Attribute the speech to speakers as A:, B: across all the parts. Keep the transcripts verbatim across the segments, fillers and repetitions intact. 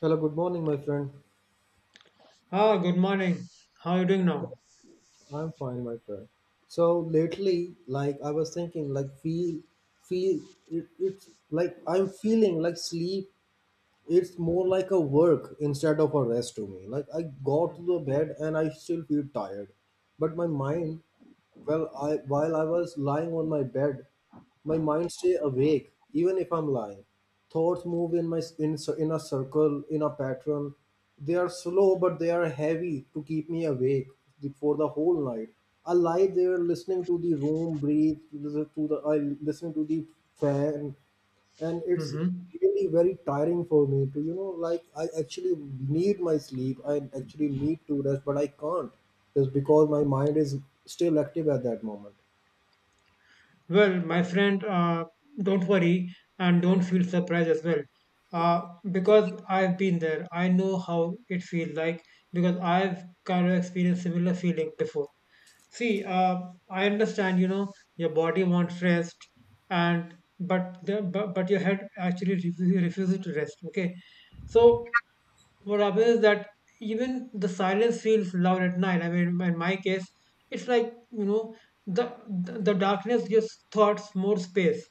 A: Hello, good morning, my friend.
B: Ah, good morning. How are you doing now?
A: I'm fine, my friend. So lately, like I was thinking, like feel, feel it, it's like I'm feeling like sleep. It's more like a work instead of a rest to me. Like I got to the bed and I still feel tired, but my mind Well, I while I was lying on my bed, my mind stay awake even if I'm lying. Thoughts move in my in, cir- in a circle, in a pattern. They are slow but they are heavy to keep me awake the- for the whole night. I lie there listening to the room breathe, listen to the I listening to the fan, and it's
B: Hmm.
A: really very tiring for me to, you know like I actually need my sleep. I actually need to rest, but I can't, just because my mind is still active at that moment.
B: Well, my friend, uh, don't worry and don't feel surprised as well. Uh, because I've been there. I know how it feels like because I've kind of experienced similar feeling before. See, uh, I understand, you know, your body wants rest and but the, but, but your head actually refuses, refuses to rest. Okay. So what happens is that even the silence feels loud at night. I mean, in my case, it's like, you know the the the darkness gives thoughts more space.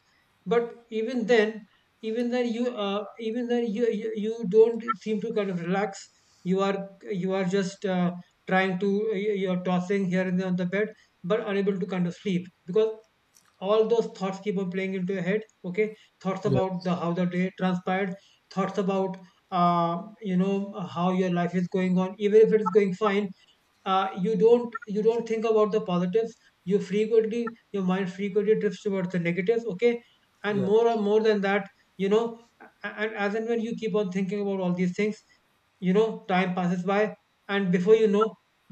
B: But even then, even then you uh, even then you, you you don't seem to kind of relax. You are you are just uh, trying to you- you're tossing here and there on the bed, but unable to kind of sleep because all those thoughts keep on playing into your head. Okay, thoughts about the
A: Yes.
B: how the day transpired, thoughts about uh, you know how your life is going on even if it is going fine. Uh, you don't you don't think about the positives. You frequently your mind frequently drifts towards the negatives. Okay, and
A: Yes.
B: more and more than that, you know a- and as and when you keep on thinking about all these things, you know time passes by, and before you know,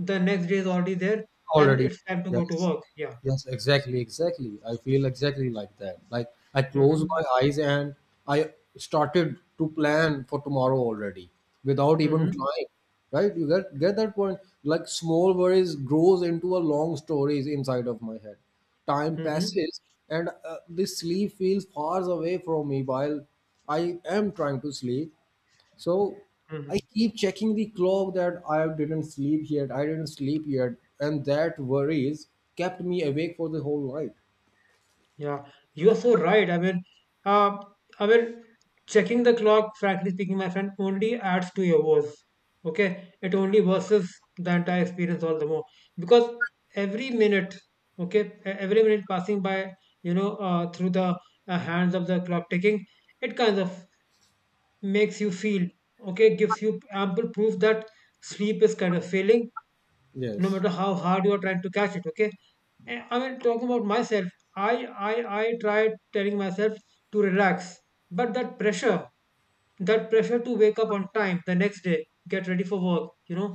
B: the next day is already there, and
A: Already,
B: it's time to go to
A: yes.
B: work. Yeah.
A: Yes, exactly, exactly. I feel exactly like that. Like I close
B: Mm-hmm.
A: my eyes and I started to plan for tomorrow already without even
B: Mm-hmm.
A: trying. Right? You get get that point. Like, small worries grows into a long stories inside of my head. Time
B: Mm-hmm.
A: passes, and uh, this sleep feels far away from me while I am trying to sleep. So
B: Mm-hmm.
A: I keep checking the clock that I didn't sleep yet, I didn't sleep yet, and that worries kept me awake for the whole night.
B: Yeah, you are so right. I mean, uh, I mean, checking the clock, frankly speaking, my friend, only adds to your woes. Okay, it only worsens the entire experience all the more because every minute, okay, e- every minute passing by, you know, uh, through the uh, hands of the clock ticking, it kind of makes you feel, okay, gives you ample proof that sleep is kind of failing no
A: Yes,
B: matter how hard you are trying to catch it. Okay. Eh, i mean, talking about myself, i i i tried telling myself to relax, but that pressure that pressure to wake up on time the next day, get ready for work, you know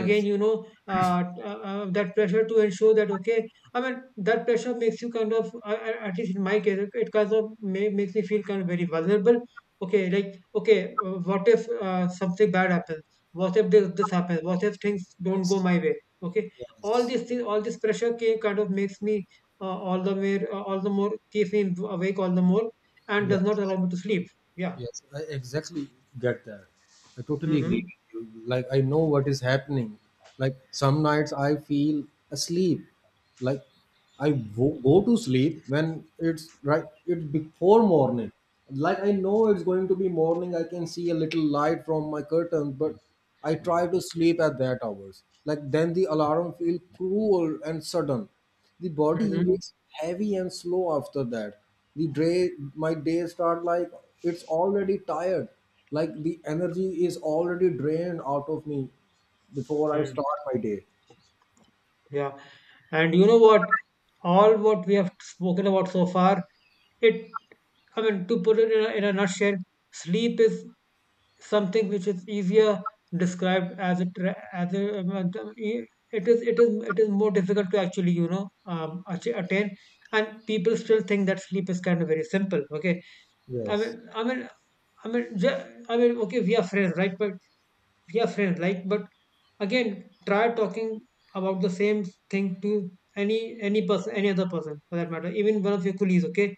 B: again, you know uh, uh, uh, that pressure to ensure that. Okay, I mean, that pressure makes you kind of, uh, uh, at least in my case, it it kind of ma- makes me feel kind of very vulnerable. Okay, like, okay, uh, what if uh, something bad happens, what if this, this happens, what if things don't go
A: yes,
B: my way? Okay, all
A: yes,
B: these things, all this pressure ca- kind of makes me, uh, all the more uh, all the more keeps me awake all the more, and does not
A: yes.
B: allow me to sleep. Yeah.
A: Yes, I exactly get that. I totally agree
B: Hmm.
A: with you. Like, I know what is happening. Like, some nights I feel asleep. Like, I wo- go to sleep when it's right, it's before morning. Like, I know it's going to be morning. I can see a little light from my curtains, but I try to sleep at that hours. Like, then the alarm feel cruel and sudden. The body
B: Mhm.
A: wakes heavy and slow after that. The day my day start like it's already tired. Like, the energy is already drained out of me before I
B: Mm.
A: start my day.
B: Yeah. And you know what? All what we have spoken about so far, it, I mean, to put it in a, in a nutshell, sleep is something which is easier described as a tra- as a um, uh, e- it is it is it is more difficult to actually, you know um, achi- attain, and people still think that sleep is kind of very simple. Okay. I
A: Yes,
B: mean, I mean, I mean, ju- I mean, okay, we are friends, right? But we are friends, like, but again, try talking about the same thing to any any person, any other person for that matter, even one of your colleagues. Okay,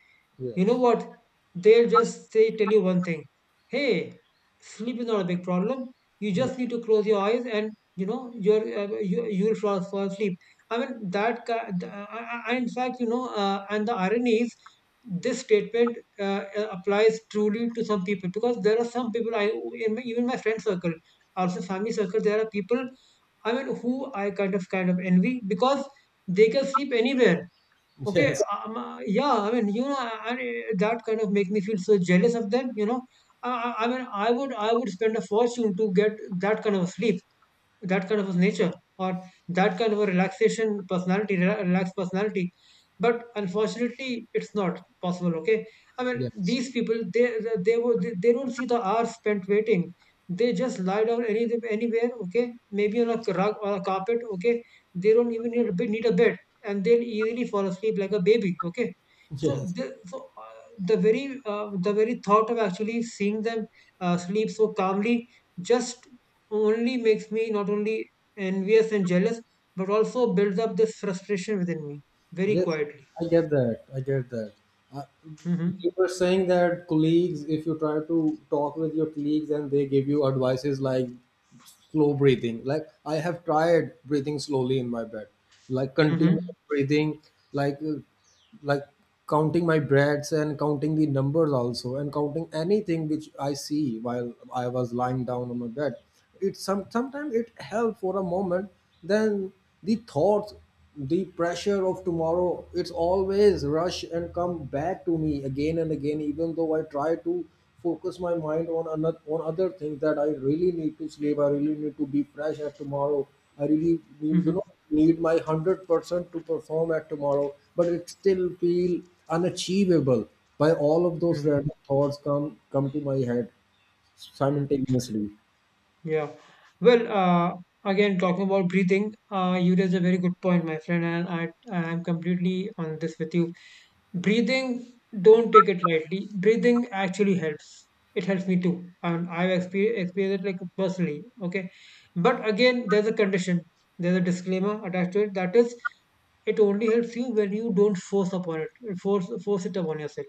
B: you know
A: yes,
B: what? They'll just say tell you one thing. Hey, sleep is not a big problem. You
A: yeah,
B: just need to close your eyes, and you know you're uh, you you'll fall, fall asleep. I mean that. ki- th- I, I, I- in fact, you know, uh, and the irony is, this statement, uh, uh, applies truly to some people because there are some people, I in my, even my friend circle, also family circle, there are people I mean who I kind of kind of envy because they can sleep anywhere. Okay,
A: yes,
B: um, uh, yeah, I mean, you know I, I- that kind of make me feel so jealous of them. You know, I, I I mean I would I would spend a fortune to get that kind of sleep, that kind of a nature, or that kind of a relaxation personality, rela- relaxed personality. But unfortunately, it's not possible. Okay, I mean,
A: yes,
B: these people, they they would they, they don't see the hours spent waiting. They just lie down any, anywhere. Okay, maybe on a rug or a carpet. Okay, they don't even need a bed, need a bed, and they'll easily fall asleep like a baby. Okay, so
A: yes.
B: the so uh, the very uh, the very thought of actually seeing them uh, sleep so calmly, just only makes me not only envious and jealous, but also builds up this frustration within me, very
A: Yes,
B: quietly.
A: I get that. I get that. Uh, you
B: Hmm.
A: were saying that colleagues, if you try to talk with your colleagues and they give you advices like slow breathing. Like, I have tried breathing slowly in my bed, like
B: Hmm.
A: continuous breathing, like uh, like counting my breaths and counting the numbers also and counting anything which I see while I was lying down on my bed. It some sometimes it helps for a moment, then the thoughts, the pressure of tomorrow, it's always rush and come back to me again and again, even though I try to focus my mind on another on other things. That I really need to sleep. I really need to be fresh at tomorrow. I really need, you
B: Hmm.
A: know need my hundred percent to perform at tomorrow, but it still feel unachievable by all of those
B: Hmm.
A: random thoughts come come to my head
B: Hmm.
A: simultaneously.
B: Yeah. Well, uh, again, talking about breathing, uh, you raised a very good point, my friend, and I, I am completely on this with you. Breathing, don't take it lightly. Breathing actually helps. It helps me too. And I've experienced, experienced it like personally. Okay, but again, there's a condition, there's a disclaimer attached to it. That is, it only helps you when you don't force upon it. Force, force it upon yourself.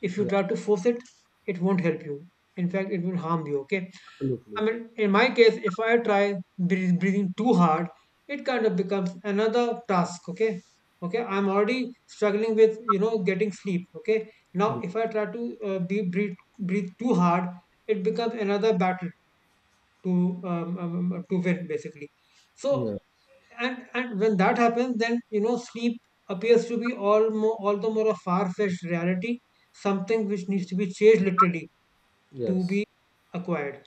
B: If you
A: Yeah,
B: try to force it, it won't help you. In fact, it will harm you. Okay,
A: absolutely.
B: I mean, in my case, if I try breath- breathing too hard, it kind of becomes another task. Okay. Okay, I'm already struggling with, you know, getting sleep. Okay, now,
A: Yeah,
B: if I try to uh, be, breathe, breathe too hard, it becomes another battle to um, um, um, to win, basically. So,
A: yeah.
B: and and when that happens, then you know sleep appears to be all more all the more a far-fetched reality, something which needs to be changed, literally, to
A: Yes,
B: be acquired,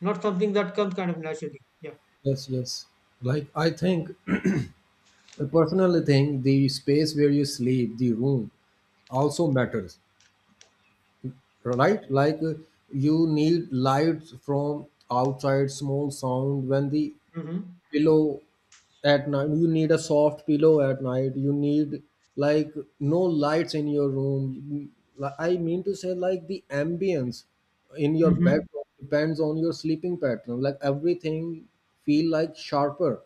B: not something that comes kind of naturally. Yeah.
A: yes, yes. Like, I think, I personally think the space where you sleep, the room, also matters, right? Like uh, you need lights from outside, small sound when the
B: Mm-hmm.
A: pillow at night. You need a soft pillow at night. You need, like, no lights in your room. Li- I mean to say, like, the ambience in your
B: Mm-hmm.
A: bedroom depends on your sleeping pattern. Like everything feel like sharper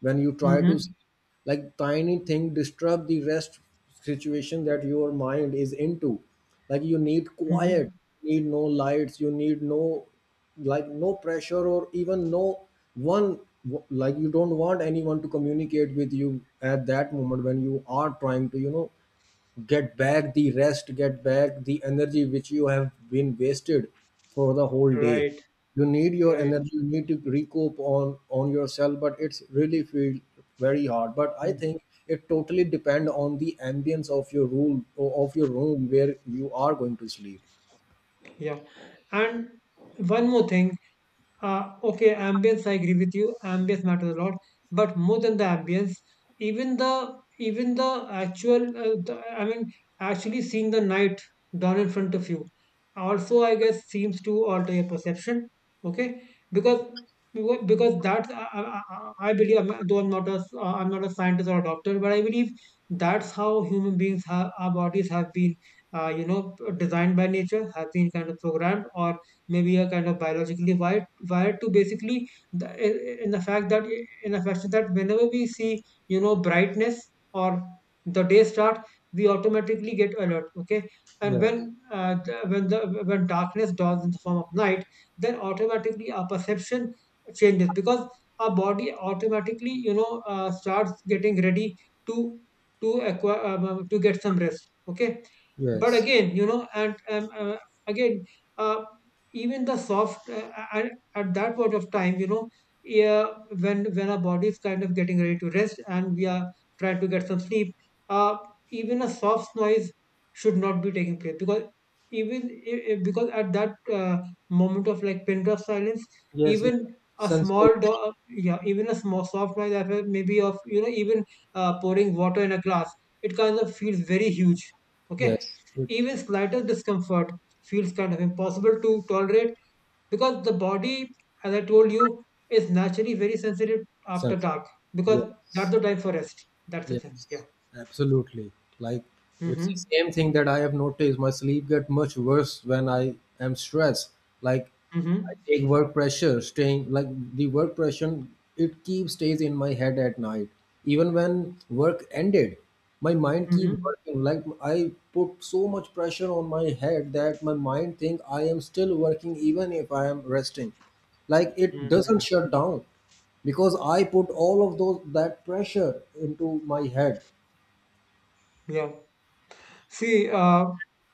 A: when you try to
B: Mm-hmm.
A: sleep. Like tiny thing disturb the rest situation that your mind is into. Like, you need quiet,
B: Mm-hmm.
A: need no lights, you need no, like no pressure, or even no one. Like, you don't want anyone to communicate with you at that moment when you are trying to, you know, get back the rest, get back the energy which you have been wasted for the whole day.
B: Right.
A: You need your
B: Right.
A: energy, you need to recoup on on yourself, but it's really feel very hard. But I
B: Mm.
A: think it totally depend on the ambience of your room, of your room where you are going to sleep.
B: Yeah. And one more thing. Uh, okay, ambience, I agree with you. Ambience matters a lot, but more than the ambience, even the even the actual, uh, the, I mean, actually seeing the night dawn in front of you, also, I guess, seems to alter your perception. Okay, because because because that's, I, I, I I believe, I'm- though I'm not a s- uh, I'm not a scientist or a doctor, but I believe that's how human beings have our bodies have been, uh, you know designed by nature, have been kind of programmed, or maybe a kind of biologically wired wired to basically, the, in the fact that in the fact that whenever we see, you know brightness, or the day start, we automatically get alert. Okay, and
A: Yes,
B: when uh, the, when the when darkness dawns in the form of night, then automatically our perception changes because our body automatically, you know uh, starts getting ready to to acquire um, um, to get some rest. Okay, but
A: yes,
B: again, you know and, and uh, again uh, even the soft, uh, at, at that point of time, you know yeah, when when our body is kind of getting ready to rest, and we are trying to get some sleep. Uh, even a soft noise should not be taking place, because even i- i- because at that uh, moment of, like, pin drop silence,
A: yes. It's
B: even a
A: sunset.
B: small do- uh, yeah, even a small soft noise as well, maybe of, you know even, uh, pouring water in a glass, it kind of feels very huge. Okay,
A: Yes, it's
B: even slightest discomfort feels kind of impossible to tolerate because the body, as I told you, is naturally very sensitive after
A: sunset.
B: dark, because that's
A: Yes.
B: the time for rest. That's the thing. Yeah.
A: Yes, absolutely. Like, it's the
B: Mm-hmm.
A: same thing that I have noticed. My sleep get much worse when I am stressed. Like, I
B: Mm-hmm.
A: take work pressure, staying like the work pressure, it keeps stays in my head at night. Even when work ended, my mind keep
B: Mm-hmm.
A: working. Like, I put so much pressure on my head that my mind think I am still working even if I am resting. Like, it doesn't
B: Mm-hmm.
A: shut down because I put all of those that pressure into my head.
B: Yeah. See, uh,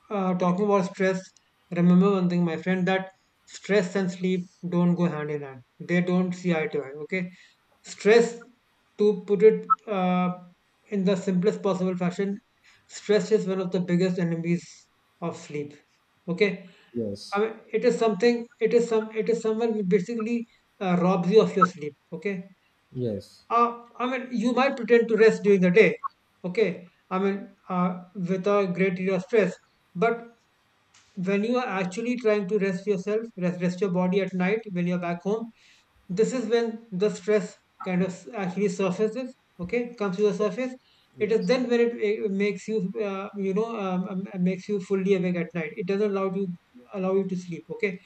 B: uh, talking about stress, remember one thing, my friend, that stress and sleep don't go hand in hand. They don't see eye to eye. Okay, stress, to put it uh, in the simplest possible fashion, stress is one of the biggest enemies of sleep. Okay, I
A: Yes,
B: mean, it is something. It is some. It is someone who basically, uh, robs you of your sleep. Okay,
A: yes,
B: uh, I mean, you might pretend to rest during the day, okay? I mean, uh, with a great deal of stress. But when you are actually trying to rest yourself, rest, rest your body at night when you're back home, this is when the stress kind of s- actually surfaces, okay? Comes to the surface. It is
A: yes,
B: then when it, it makes you, uh, you know, um, um, makes you fully awake at night. It doesn't allow you allow you to sleep, okay?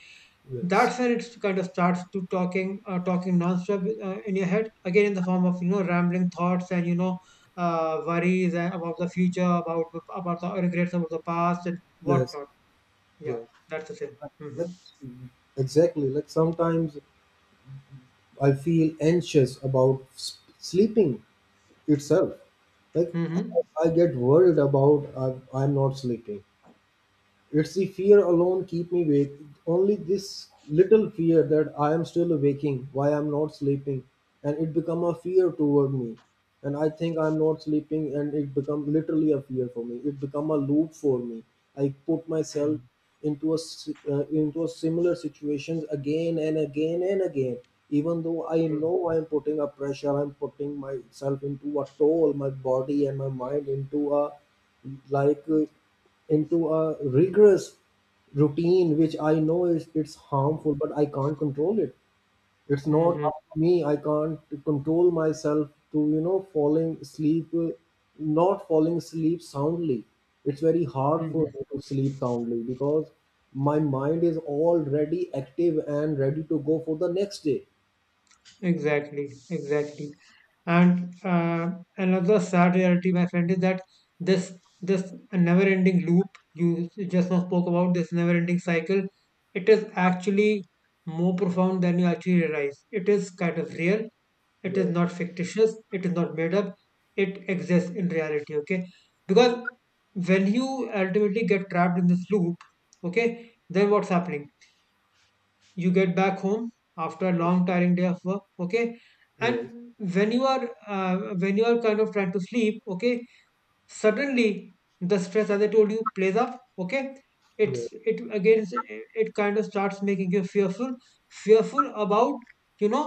A: yes,
B: That's when it kind of starts to talking uh, talking nonstop, uh, in your head, again, in the form of, you know rambling thoughts, and, you know uh, worries, and about the future, about the- about the regrets, about the past, and
A: yes,
B: whatnot. Yeah.
A: yes.
B: That's the thing. Mm-hmm.
A: Like, exactly. Like sometimes I feel anxious about s- sleeping itself. Like, I,
B: Mm-hmm.
A: I get worried about I, I'm not sleeping. It's the fear alone keep me awake. Only this little fear that I am still waking, why I'm not sleeping, and it become a fear toward me. And I think I'm not sleeping, and it become literally a fear for me. It become a loop for me. I put myself
B: Mm-hmm.
A: into a s- uh, into a similar situations again and again and again. Even though I know I'm putting a pressure, I'm putting myself into a toll, my body and my mind into a like. Uh, into a rigorous routine which I know is it's harmful, but I can't control it. It's not
B: Mm-hmm.
A: up to me. I can't control myself to, you know, falling asleep, uh, not falling asleep soundly. It's very hard for
B: Mm-hmm.
A: me to sleep soundly because my mind is already active and ready to go for the next day.
B: Exactly, exactly. And uh, another sad reality, my friend, is that this this never-ending loop you just now spoke about, this never-ending cycle, it is actually more profound than you actually realize. It is kind of real. It is
A: Yes,
B: not fictitious. It is not made up. It exists in reality. Okay, because when you ultimately get trapped in this loop, okay, then what's happening? You get back home after a long tiring day of work, okay, and
A: yes,
B: when you are uh, when you are kind of trying to sleep, okay, suddenly the stress, as I told you, plays up, okay. It's it again. It kind of starts making you fearful, fearful about you know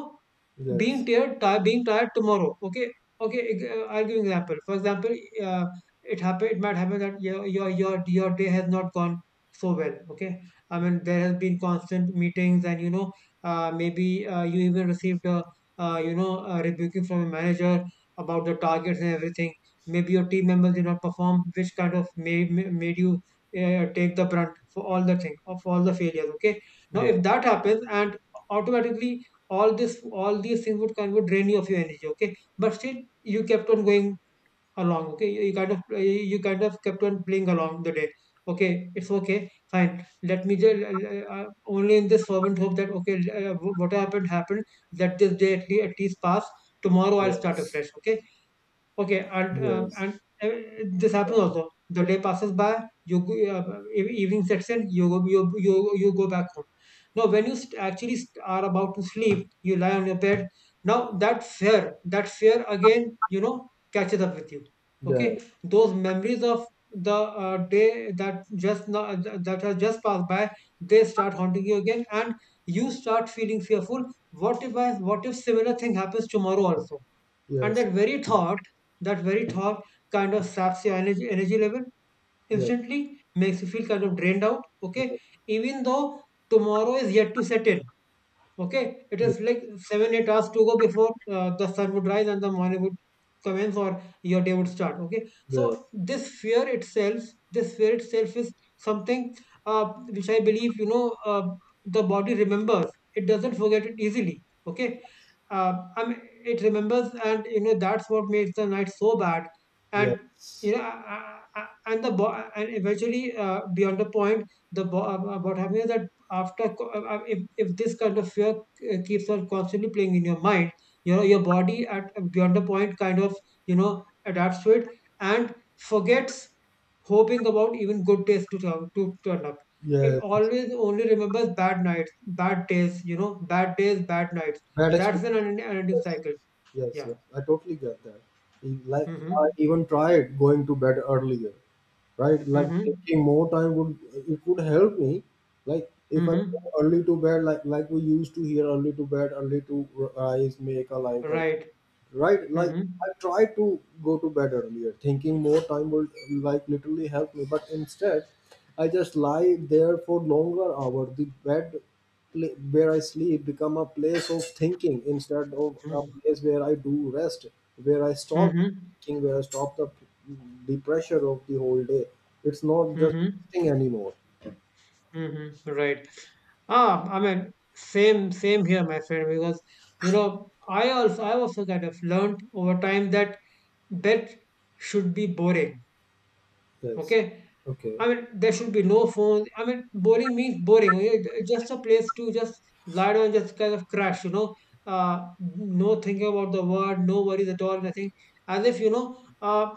B: being
A: yes,
B: tired, tired being tired tomorrow. Okay, okay. ex- uh, I'll give you an example. For example, uh, it happen. It might happen that your your your your day has not gone so well. Okay, I mean there has been constant meetings, and you know, uh, maybe uh, you even received a uh, you know a rebuking from your manager about the targets and everything. Maybe your team members did not perform, which kind of made made you. Uh, take the brunt for all the thing of all the failures, okay. Now if
A: yes,
B: that happens, and automatically all this all these things would kind of drain you of your energy, okay, but still you kept on going along, okay. You you kind of you kind of kept on playing along the day, okay. It's okay, fine. Let me just uh, uh, uh, only in this fervent hope that, okay, uh, what happened happened. Let this day at least, at least pass. Tomorrow I'll start
A: yes,
B: afresh, okay. Okay,
A: yes, yes,
B: and
A: yes,
B: um,
A: yes,
B: and uh, this happens also. The day passes by, you go, uh, eve- evening sets in, you go, you you you go back home. Now, when you st- actually st- are about to sleep, you lie on your bed. Now, that fear, that fear again, you know, catches up with you.
A: yes, yes,
B: Okay, those memories of the uh, day that just now, uh, th- that has just passed by, they start haunting you again, and you start feeling fearful. What if I? What if similar thing happens tomorrow also? And that very thought that very thought kind of saps your energy energy level instantly, makes you feel kind of drained out, okay, even though tomorrow is yet to set in. Okay, it
A: yes.
B: is
A: Yes.
B: like seven, eight hours to go before uh, the sun would rise and the morning would commence or your day would start. Okay,
A: Yes.
B: so this fear itself, this fear itself is something uh, which I believe you know uh, the body remembers. It doesn't forget it easily. Okay, uh, I mean, it remembers, and you know that's what makes the night so bad. And
A: Yes,
B: you know, I- I- I- and the bo- and eventually uh, beyond the point, the bo- uh, what happens is that after co- uh, uh, if if this kind of fear uh, keeps on constantly playing in your mind, you know your body at uh, beyond the point kind of, you know, adapts to it and forgets hoping about even good days to turn, to turn up. It
A: yes,
B: always only remembers bad nights, bad days, you know, bad days bad nights
A: bad
B: That's an
A: experience.
B: unending unending
A: Yes,
B: cycle.
A: yes,
B: Yeah.
A: yes. I totally get that. E- Like, I
B: Mm-hmm.
A: even tried going to bed earlier, right? Like,
B: Mm-hmm.
A: taking more time would, it would help me. Like, if I go
B: Mm-hmm.
A: early to bed, like like we used to hear, early to bed, early to rise, make a life healthy.
B: Right.
A: Right? Like,
B: Mm-hmm.
A: I try to go to bed earlier thinking more time would, like, literally help me, but instead I just lie there for longer hour. The bed, pla- where I sleep, become a place of thinking instead of a
B: Mm-hmm.
A: place where I do rest, where I stop
B: Mm-hmm.
A: thinking, where I stop the the pressure of the whole day. It's not just resting anymore.
B: Mm-hmm. Right. Ah, I mean, same, same here, my friend, because you know, I also I also kind of learned over time that death should be boring.
A: Yes,
B: Okay.
A: okay,
B: I mean, there should be no phones. I mean, boring means boring. It- It's just a place to just lie down, just kind of crash, you know. Uh, no thinking about the word, no worries at all, nothing. As if, you know, uh,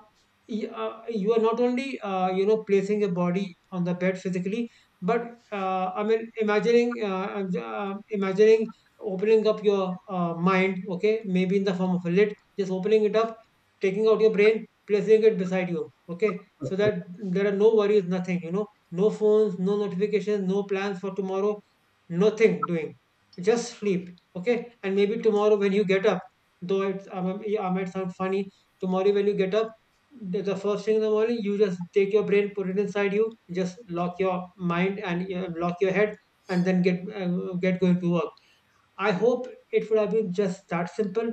B: y- uh, you are not only, uh, you know, placing your body on the bed physically, but uh, I mean, imagining, uh, um, j- uh, imagining opening up your uh, mind, okay, maybe in the form of a lid, just opening it up, taking out your brain, placing it beside you, okay, so that there are no worries, nothing, you know, no phones, no notifications, no plans for tomorrow, nothing doing. Just sleep, okay? And maybe tomorrow when you get up, though it's, I might I might sound funny, tomorrow when you get up, the the first thing in the morning, you just take your brain, put it inside you, just lock your mind and uh, lock your head, and then get uh, get going to work. I hope it would have been just that simple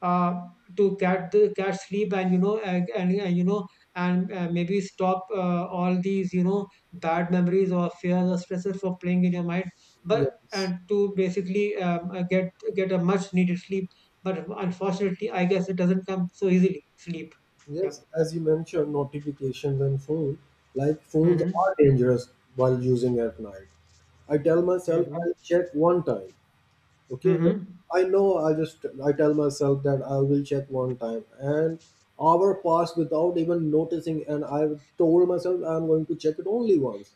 B: uh, to cat the cat sleep, and you know, and, and, and you know, and uh, maybe stop uh, all these, you know, bad memories or fears or stresses from playing in your mind. But
A: yes.
B: and to basically um, uh, get get a much needed sleep. But unfortunately, I guess it doesn't come so easily. Sleep. Yep.
A: Yes, as you mentioned, notifications and phone, like phones
B: Mm-hmm.
A: are dangerous while using at night. I tell myself
B: Mm-hmm.
A: I'll check one time. Okay, just,
B: Mm-hmm.
A: I know, I just I tell myself that I will check one time, and hour passed without even noticing, and I told myself I'm going to check it only once.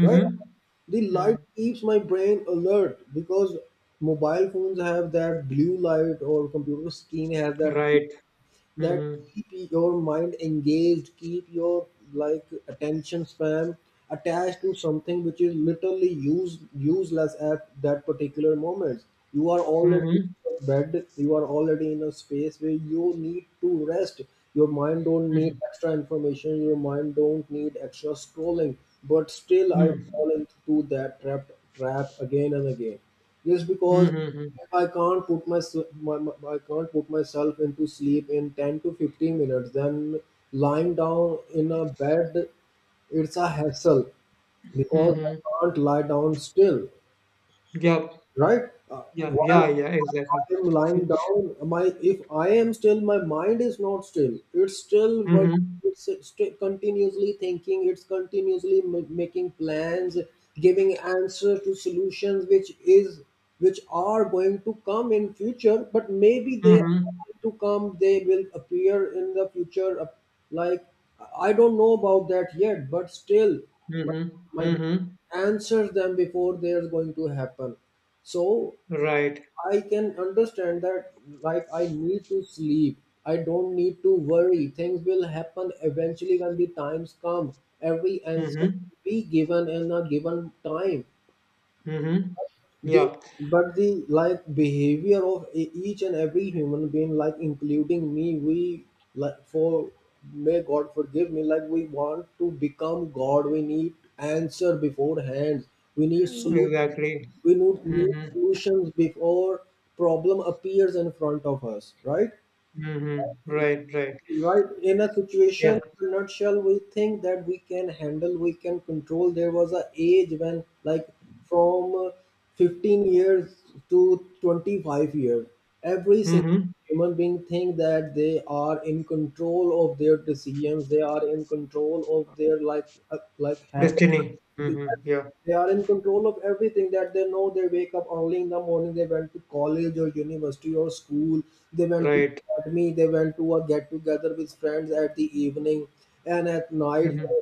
A: Right? The light
B: Mm-hmm.
A: keeps my brain alert because mobile phones have that blue light, or computer screen has that,
B: Right.
A: that
B: Mm-hmm.
A: keep your mind engaged, keep your, like, attention span attached to something which is literally use useless at that particular moment. You are already
B: Mm-hmm.
A: in a bed, you are already in a space where you need to rest. Your mind don't need
B: Mm-hmm.
A: extra information, your mind don't need extra scrolling, but still I
B: Mm-hmm.
A: fall into that trap trap again and again, just because
B: Mm-hmm.
A: I can't put my, my, my- I can't put myself into sleep in ten to fifteen minutes. Then lying down in a bed, it's a hassle because I
B: Mm-hmm.
A: can't lie down still,
B: Yeah,
A: right? Uh,
B: yeah,
A: while
B: yeah, yeah, exactly.
A: I am lying down, my if I am still, my mind is not still. It's still work.
B: Mm-hmm.
A: It's st- continuously thinking. It's continuously ma- making plans, giving answers to solutions, which is which are going to come in future. But maybe they are
B: Mm-hmm.
A: going to come. They will appear in the future. uh, Like, I don't know about that yet, but still
B: Mm-hmm.
A: my
B: Mm-hmm.
A: answer them before they're going to happen. So
B: Right.
A: I can understand that, like, I need to sleep. I don't need to worry. Things will happen eventually when the times come. Every answer
B: Mm-hmm.
A: will be given in a given time.
B: Mm-hmm.
A: The
B: Yeah,
A: But the, like, behavior of e- each and every human being, like including me, we like for, may God forgive me, like we want to become God. We need answer beforehand, we need solution,
B: exactly.
A: we need, need
B: Mm-hmm.
A: solutions before problem appears in front of us, right?
B: Mm-hmm. Right, right.
A: Right. In a situation,
B: Yeah.
A: in a nutshell, we think that we can handle, we can control. There was a age when, like, from uh, fifteen years to twenty-five years, every single
B: Mm-hmm.
A: human being think that they are in control of their decisions, they are in control of their, like, uh, like habits.
B: Destiny.
A: they,
B: Mm-hmm. Yeah.
A: they are in control of everything that they know. They wake up early in the morning. They went to college or university or school. They went to
B: Right.
A: academy. They went to a get together with friends at the evening and at night.
B: Mm-hmm.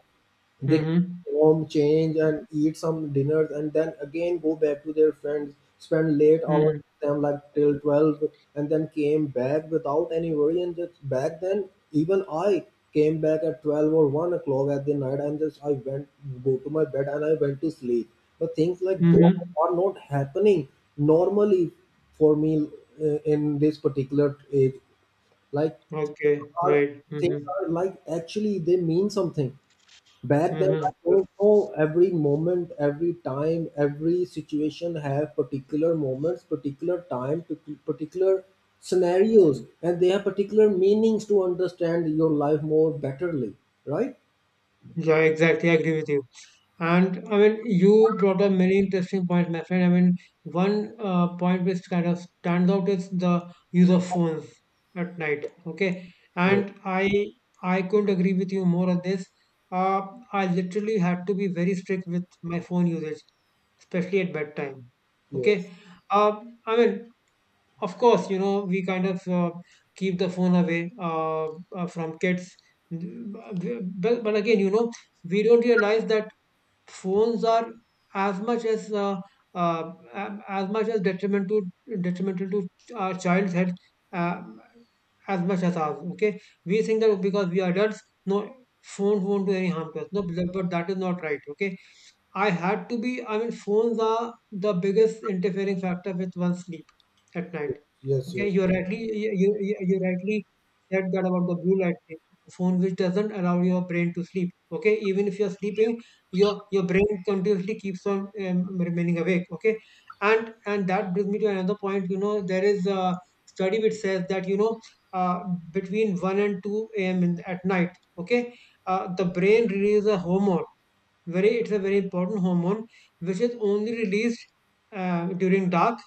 A: They
B: Mm-hmm.
A: come home, change, and eat some dinners, and then again go back to their friends, spend late hours
B: Mm-hmm.
A: with them, like till twelve, and then came back without any worry. And just back then, even I came back at twelve or one o'clock at the night, and just I went go to my bed and I went to sleep. But things like those
B: Mm-hmm.
A: are not happening normally for me uh, in this particular age. Like,
B: Okay.
A: are
B: Right.
A: things
B: Mm-hmm.
A: are like actually they mean something. Back then, I
B: Mm-hmm.
A: don't know, every moment, every time, every situation have particular moments, particular time to particular scenarios, and they have particular meanings to understand your life more betterly, right?
B: Yeah, exactly. I agree with you. And I mean, you brought up many interesting points, my friend. I mean, one uh, point which kind of stands out is the use of phones at night. Okay,
A: Yes,
B: and I I couldn't agree with you more on this. Uh, I literally had to be very strict with my phone usage, especially at bedtime. Okay,
A: yes,
B: uh, I mean, of course, you know, we kind of uh, keep the phone away uh, uh, from kids, but, but again, you know, we don't realize that phones are as much as uh, uh, a- as much as detrimental to detrimental to our child's health uh, as much as ours. Okay, we think that because we are adults, no, phones won't do any harm to us. No, but but that is not right. Okay, I had to be, I mean, phones are the biggest interfering factor with one's sleep at night.
A: yes,
B: Okay,
A: yes,
B: you rightly you, you, you you rightly said that about the blue light thing. Phone which doesn't allow your brain to sleep. Okay, even if you're sleeping, your your brain continuously keeps on um, remaining awake. Okay, and and that brings me to another point. You know, there is a study which says that you know uh, between one and two a m in, at night. Okay, uh, the brain releases a hormone, very it's a very important hormone which is only released uh, during dark,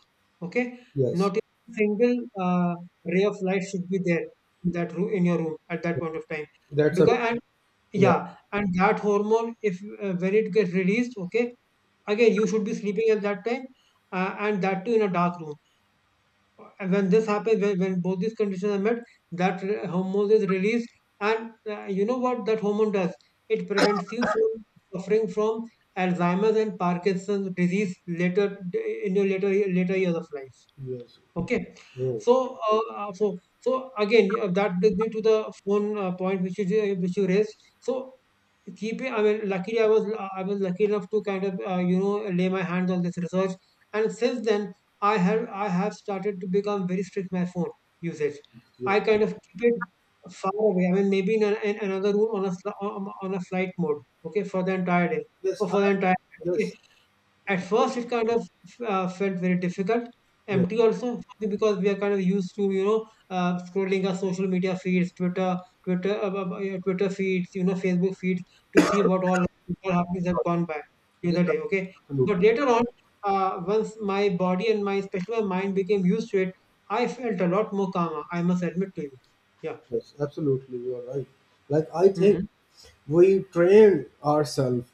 B: okay.
A: yes.
B: Not a single uh, ray of light should be there in that room, in your room, at that point of time,
A: That's a
B: because and,
A: Yeah,
B: yeah, and that hormone, if uh, when it gets released, okay, again you should be sleeping at that time, uh, and that too in a dark room. And when this happens, when, when both these conditions are met, that re- hormone is released. And uh, you know what that hormone does? It prevents you from suffering from Alzheimer's and Parkinson's disease later in your later later years of life.
A: yes.
B: Okay,
A: Oh,
B: so uh, uh, so so again uh, that brings me to the phone uh, point which you ju- which you raised. So keep it. I mean, luckily, I was I was lucky enough to kind of uh, you know lay my hands on this research, and since then, I have I have started to become very strict with my phone usage.
A: yes,
B: I kind of keep it far away. I mean, maybe in, a, in another room on a sli- on, on a flight mode. Okay, for the entire day
A: yes.
B: or
A: I
B: for the entire.
A: Yes,
B: At first, it kind of uh, felt very difficult,
A: yes.
B: empty also, because we are kind of used to, you know, uh, scrolling our social media feeds, Twitter, Twitter, uh, uh, uh, yeah, Twitter feeds, you know, Facebook feeds to see what all all happenings have
A: Sorry.
B: gone by during
A: Yes,
B: the day. Okay, but
A: absolutely.
B: later on, uh, once my body and my especially my mind became used to it, I felt a lot more calmer. I must admit to you. Yeah.
A: Yes, absolutely. You are right. Like, I think
B: Mm-hmm.
A: we train ourselves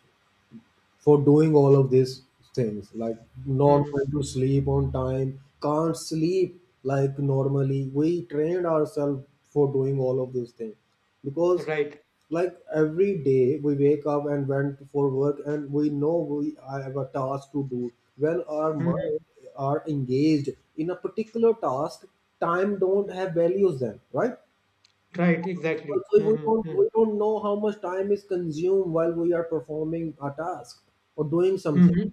A: for doing all of these things, like not
B: Mm-hmm.
A: going to sleep on time, can't sleep. Like, normally we trained ourselves for doing all of these things, because
B: Right.
A: like every day we wake up and went for work, and we know, we I have a task to do. When our mind
B: Mm-hmm.
A: are engaged in a particular task, time don't have values then, right?
B: Right. Exactly.
A: Also, we don't
B: Mm-hmm. Mm-hmm.
A: we don't know how much time is consumed while we are performing a task or doing something,
B: Mm-hmm.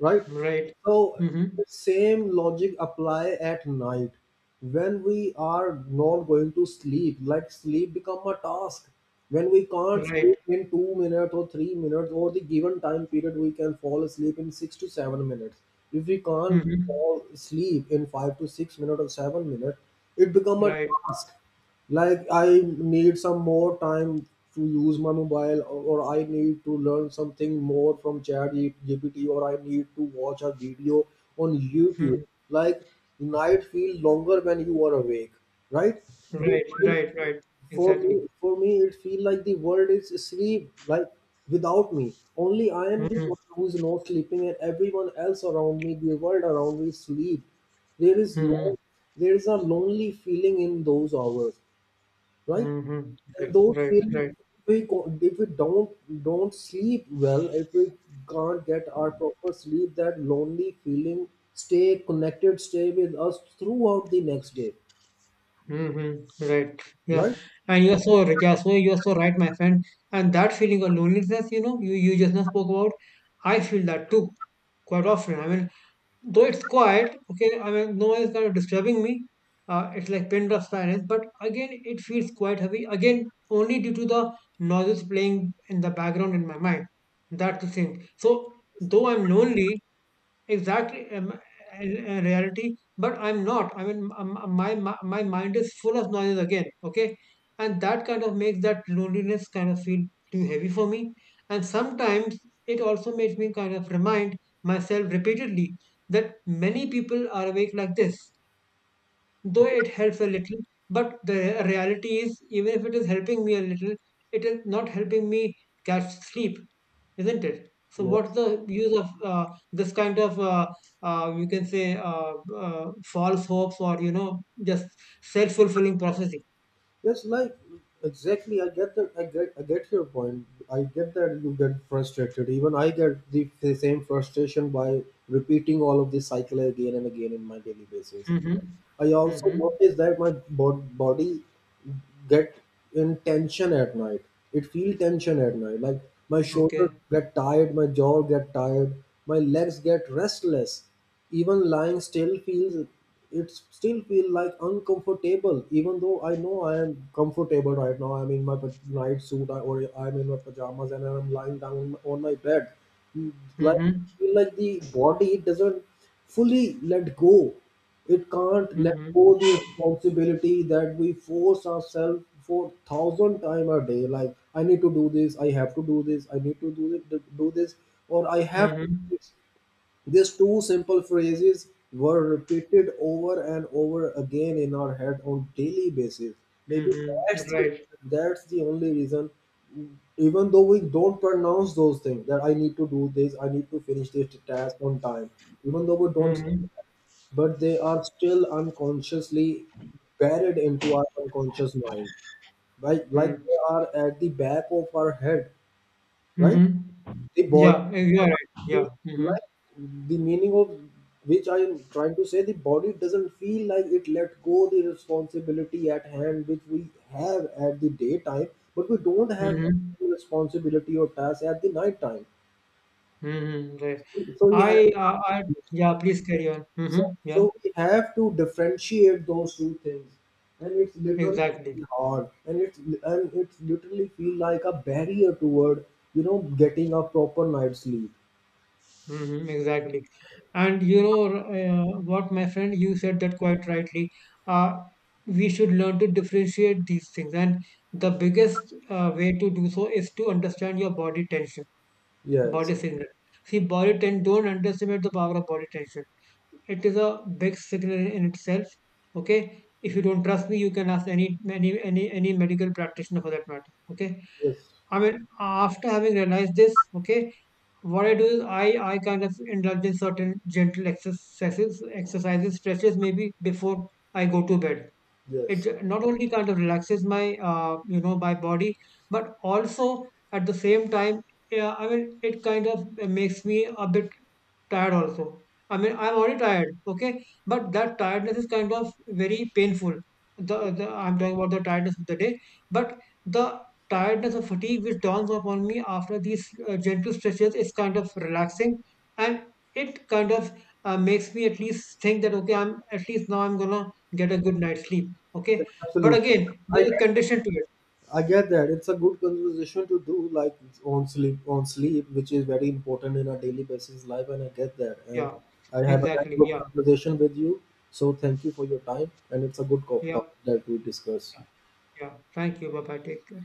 A: right?
B: Right.
A: So
B: Mm-hmm.
A: the same logic apply at night when we are not going to sleep. Like, sleep become a task when we can't
B: Right.
A: sleep in two minutes or three minutes, or the given time period we can fall asleep in six to seven minutes. If we can't
B: Mhm.
A: fall asleep in five to six minutes or seven minutes, it become a
B: Right.
A: task. Like, I need some more time to use my mobile, or or I need to learn something more from chat gpt, or I need to watch a video on youtube.
B: Mhm.
A: Like, night feel longer when you are awake, right? The
B: Right.
A: world,
B: Right. Right.
A: for me
B: Exactly.
A: for me it feel like the world is asleep, like without me. Only I am the
B: Mhm.
A: one who is not sleeping, and everyone else around me, the world around me, sleep. there is long
B: Mhm.
A: there is a lonely feeling in those hours, right?
B: Mhm.
A: And
B: Right.
A: those
B: Right.
A: feelings,
B: Right.
A: if we co- if we don't don't sleep well, if we can't get our proper sleep, that lonely feeling stay connected, stay with us throughout the next day,
B: Mhm. Right. Yeah.
A: right?
B: And you're so right. Yeah. So you're so right, my friend. And that feeling of loneliness, you know, you you just now spoke about, I feel that too quite often. I mean, though it's quiet, okay, I mean, no one is kind of disturbing me. Uh, it's like pin drop silence, but again, it feels quite heavy. Again, only due to the noises playing in the background in my mind. That's the thing. So, though I'm lonely, exactly, um, in in reality, but I'm not, I mean, um, um, my my my mind is full of noise again, okay, and that kind of makes that loneliness kind of feel too heavy for me. And sometimes it also makes me kind of remind myself repeatedly that many people are awake like this. Though it helps a little, but the reality is, even if it is helping me a little, it is not helping me catch sleep, isn't it? So what's
A: Yes,
B: the use of uh, this kind of uh, uh, you can say, uh, uh, false hopes or, you know, just self-fulfilling prophecy.
A: yes, like exactly. I get that. I get. I get your point. I get that you get frustrated. Even I get the, the same frustration by repeating all of this cycle again and again in my daily basis.
B: Mm-hmm.
A: I also
B: Mm-hmm.
A: notice that my bo- body get in tension at night. It feel tension at night. Like, my shoulder
B: Okay.
A: get tired, my jaw get tired, my legs get restless. Even lying still feels, it still feel like uncomfortable. Even though I know I am comfortable right now, I'm in my pa- night suit, I- or I'm in my pajamas and I'm lying down on my bed. Mm, Like,
B: Mm-hmm.
A: feel like the body doesn't fully let go. It can't let
B: Mm-hmm.
A: go the responsibility that we force ourselves for thousand time a day. Like, I need to do this, I have to do this, I need to do it, do this, or I have to
B: Mm-hmm.
A: do this. These two simple phrases were repeated over and over again in our head on daily basis. Maybe
B: Mm-hmm.
A: that's the,
B: Right.
A: that's the only reason. Even though we don't pronounce those things, that I need to do this, I need to finish this task on time, even though we don't,
B: Mm-hmm.
A: but they are still unconsciously buried into our unconscious mind, right? Like,
B: Mm-hmm.
A: they are at the back of our head, right? The body
B: Yeah, you're right, yeah.
A: feel
B: Mm-hmm.
A: like, the meaning of which I am trying to say, the body doesn't feel like it let go the responsibility at hand which we have at the daytime, but we don't have
B: Mm-hmm.
A: the responsibility or task at the night time.
B: Mm-hmm, right.
A: So we have
B: I, uh, I, yeah, please carry on.
A: so,
B: Mm-hmm,
A: so
B: yeah,
A: we have to differentiate those two things, and it's literally
B: exactly.
A: really hard, and it's and it's literally feel like a barrier toward, you know, getting a proper night's sleep.
B: Mm-hmm, exactly. And you know, uh, what, my friend, you said that quite rightly. Uh, we should learn to differentiate these things. And the biggest uh, way to do so is to understand your body tension,
A: Yes,
B: body signal. See, body tension, don't underestimate the power of body tension. It is a big signal in itself. Okay. If you don't trust me, you can ask any, any, any, any medical practitioner for that matter. Okay,
A: yes.
B: I mean, after having realized this, okay, what I do is I, I kind of indulge in certain gentle exercises, exercises, stretches maybe before I go to bed. It
A: Yes,
B: j- not only kind of relaxes my, uh, you know, my body, but also at the same time, yeah, I mean, it kind of makes me a bit tired also. I mean, I'm already tired, okay? But that tiredness is kind of very painful. The, the I'm talking about the tiredness of the day, but the tiredness or fatigue which dawns upon me after these uh, gentle stretches is kind of relaxing, and it kind of uh, makes me at least think that, okay, I'm at least now I'm gonna get a good night's sleep, okay?
A: yes,
B: But
A: absolutely.
B: again,
A: I
B: there's a
A: get that.
B: condition to it.
A: I get that. It's a good conversation to do, like on sleep, on sleep, which is very important in our daily basis life, and I get that. And
B: Yeah,
A: I have a very
B: exactly.
A: good
B: Yeah,
A: conversation with you. So thank you for your time, and it's a good co-
B: yeah,
A: topic that we discuss.
B: yeah, yeah. Thank you, bye bye. Take care.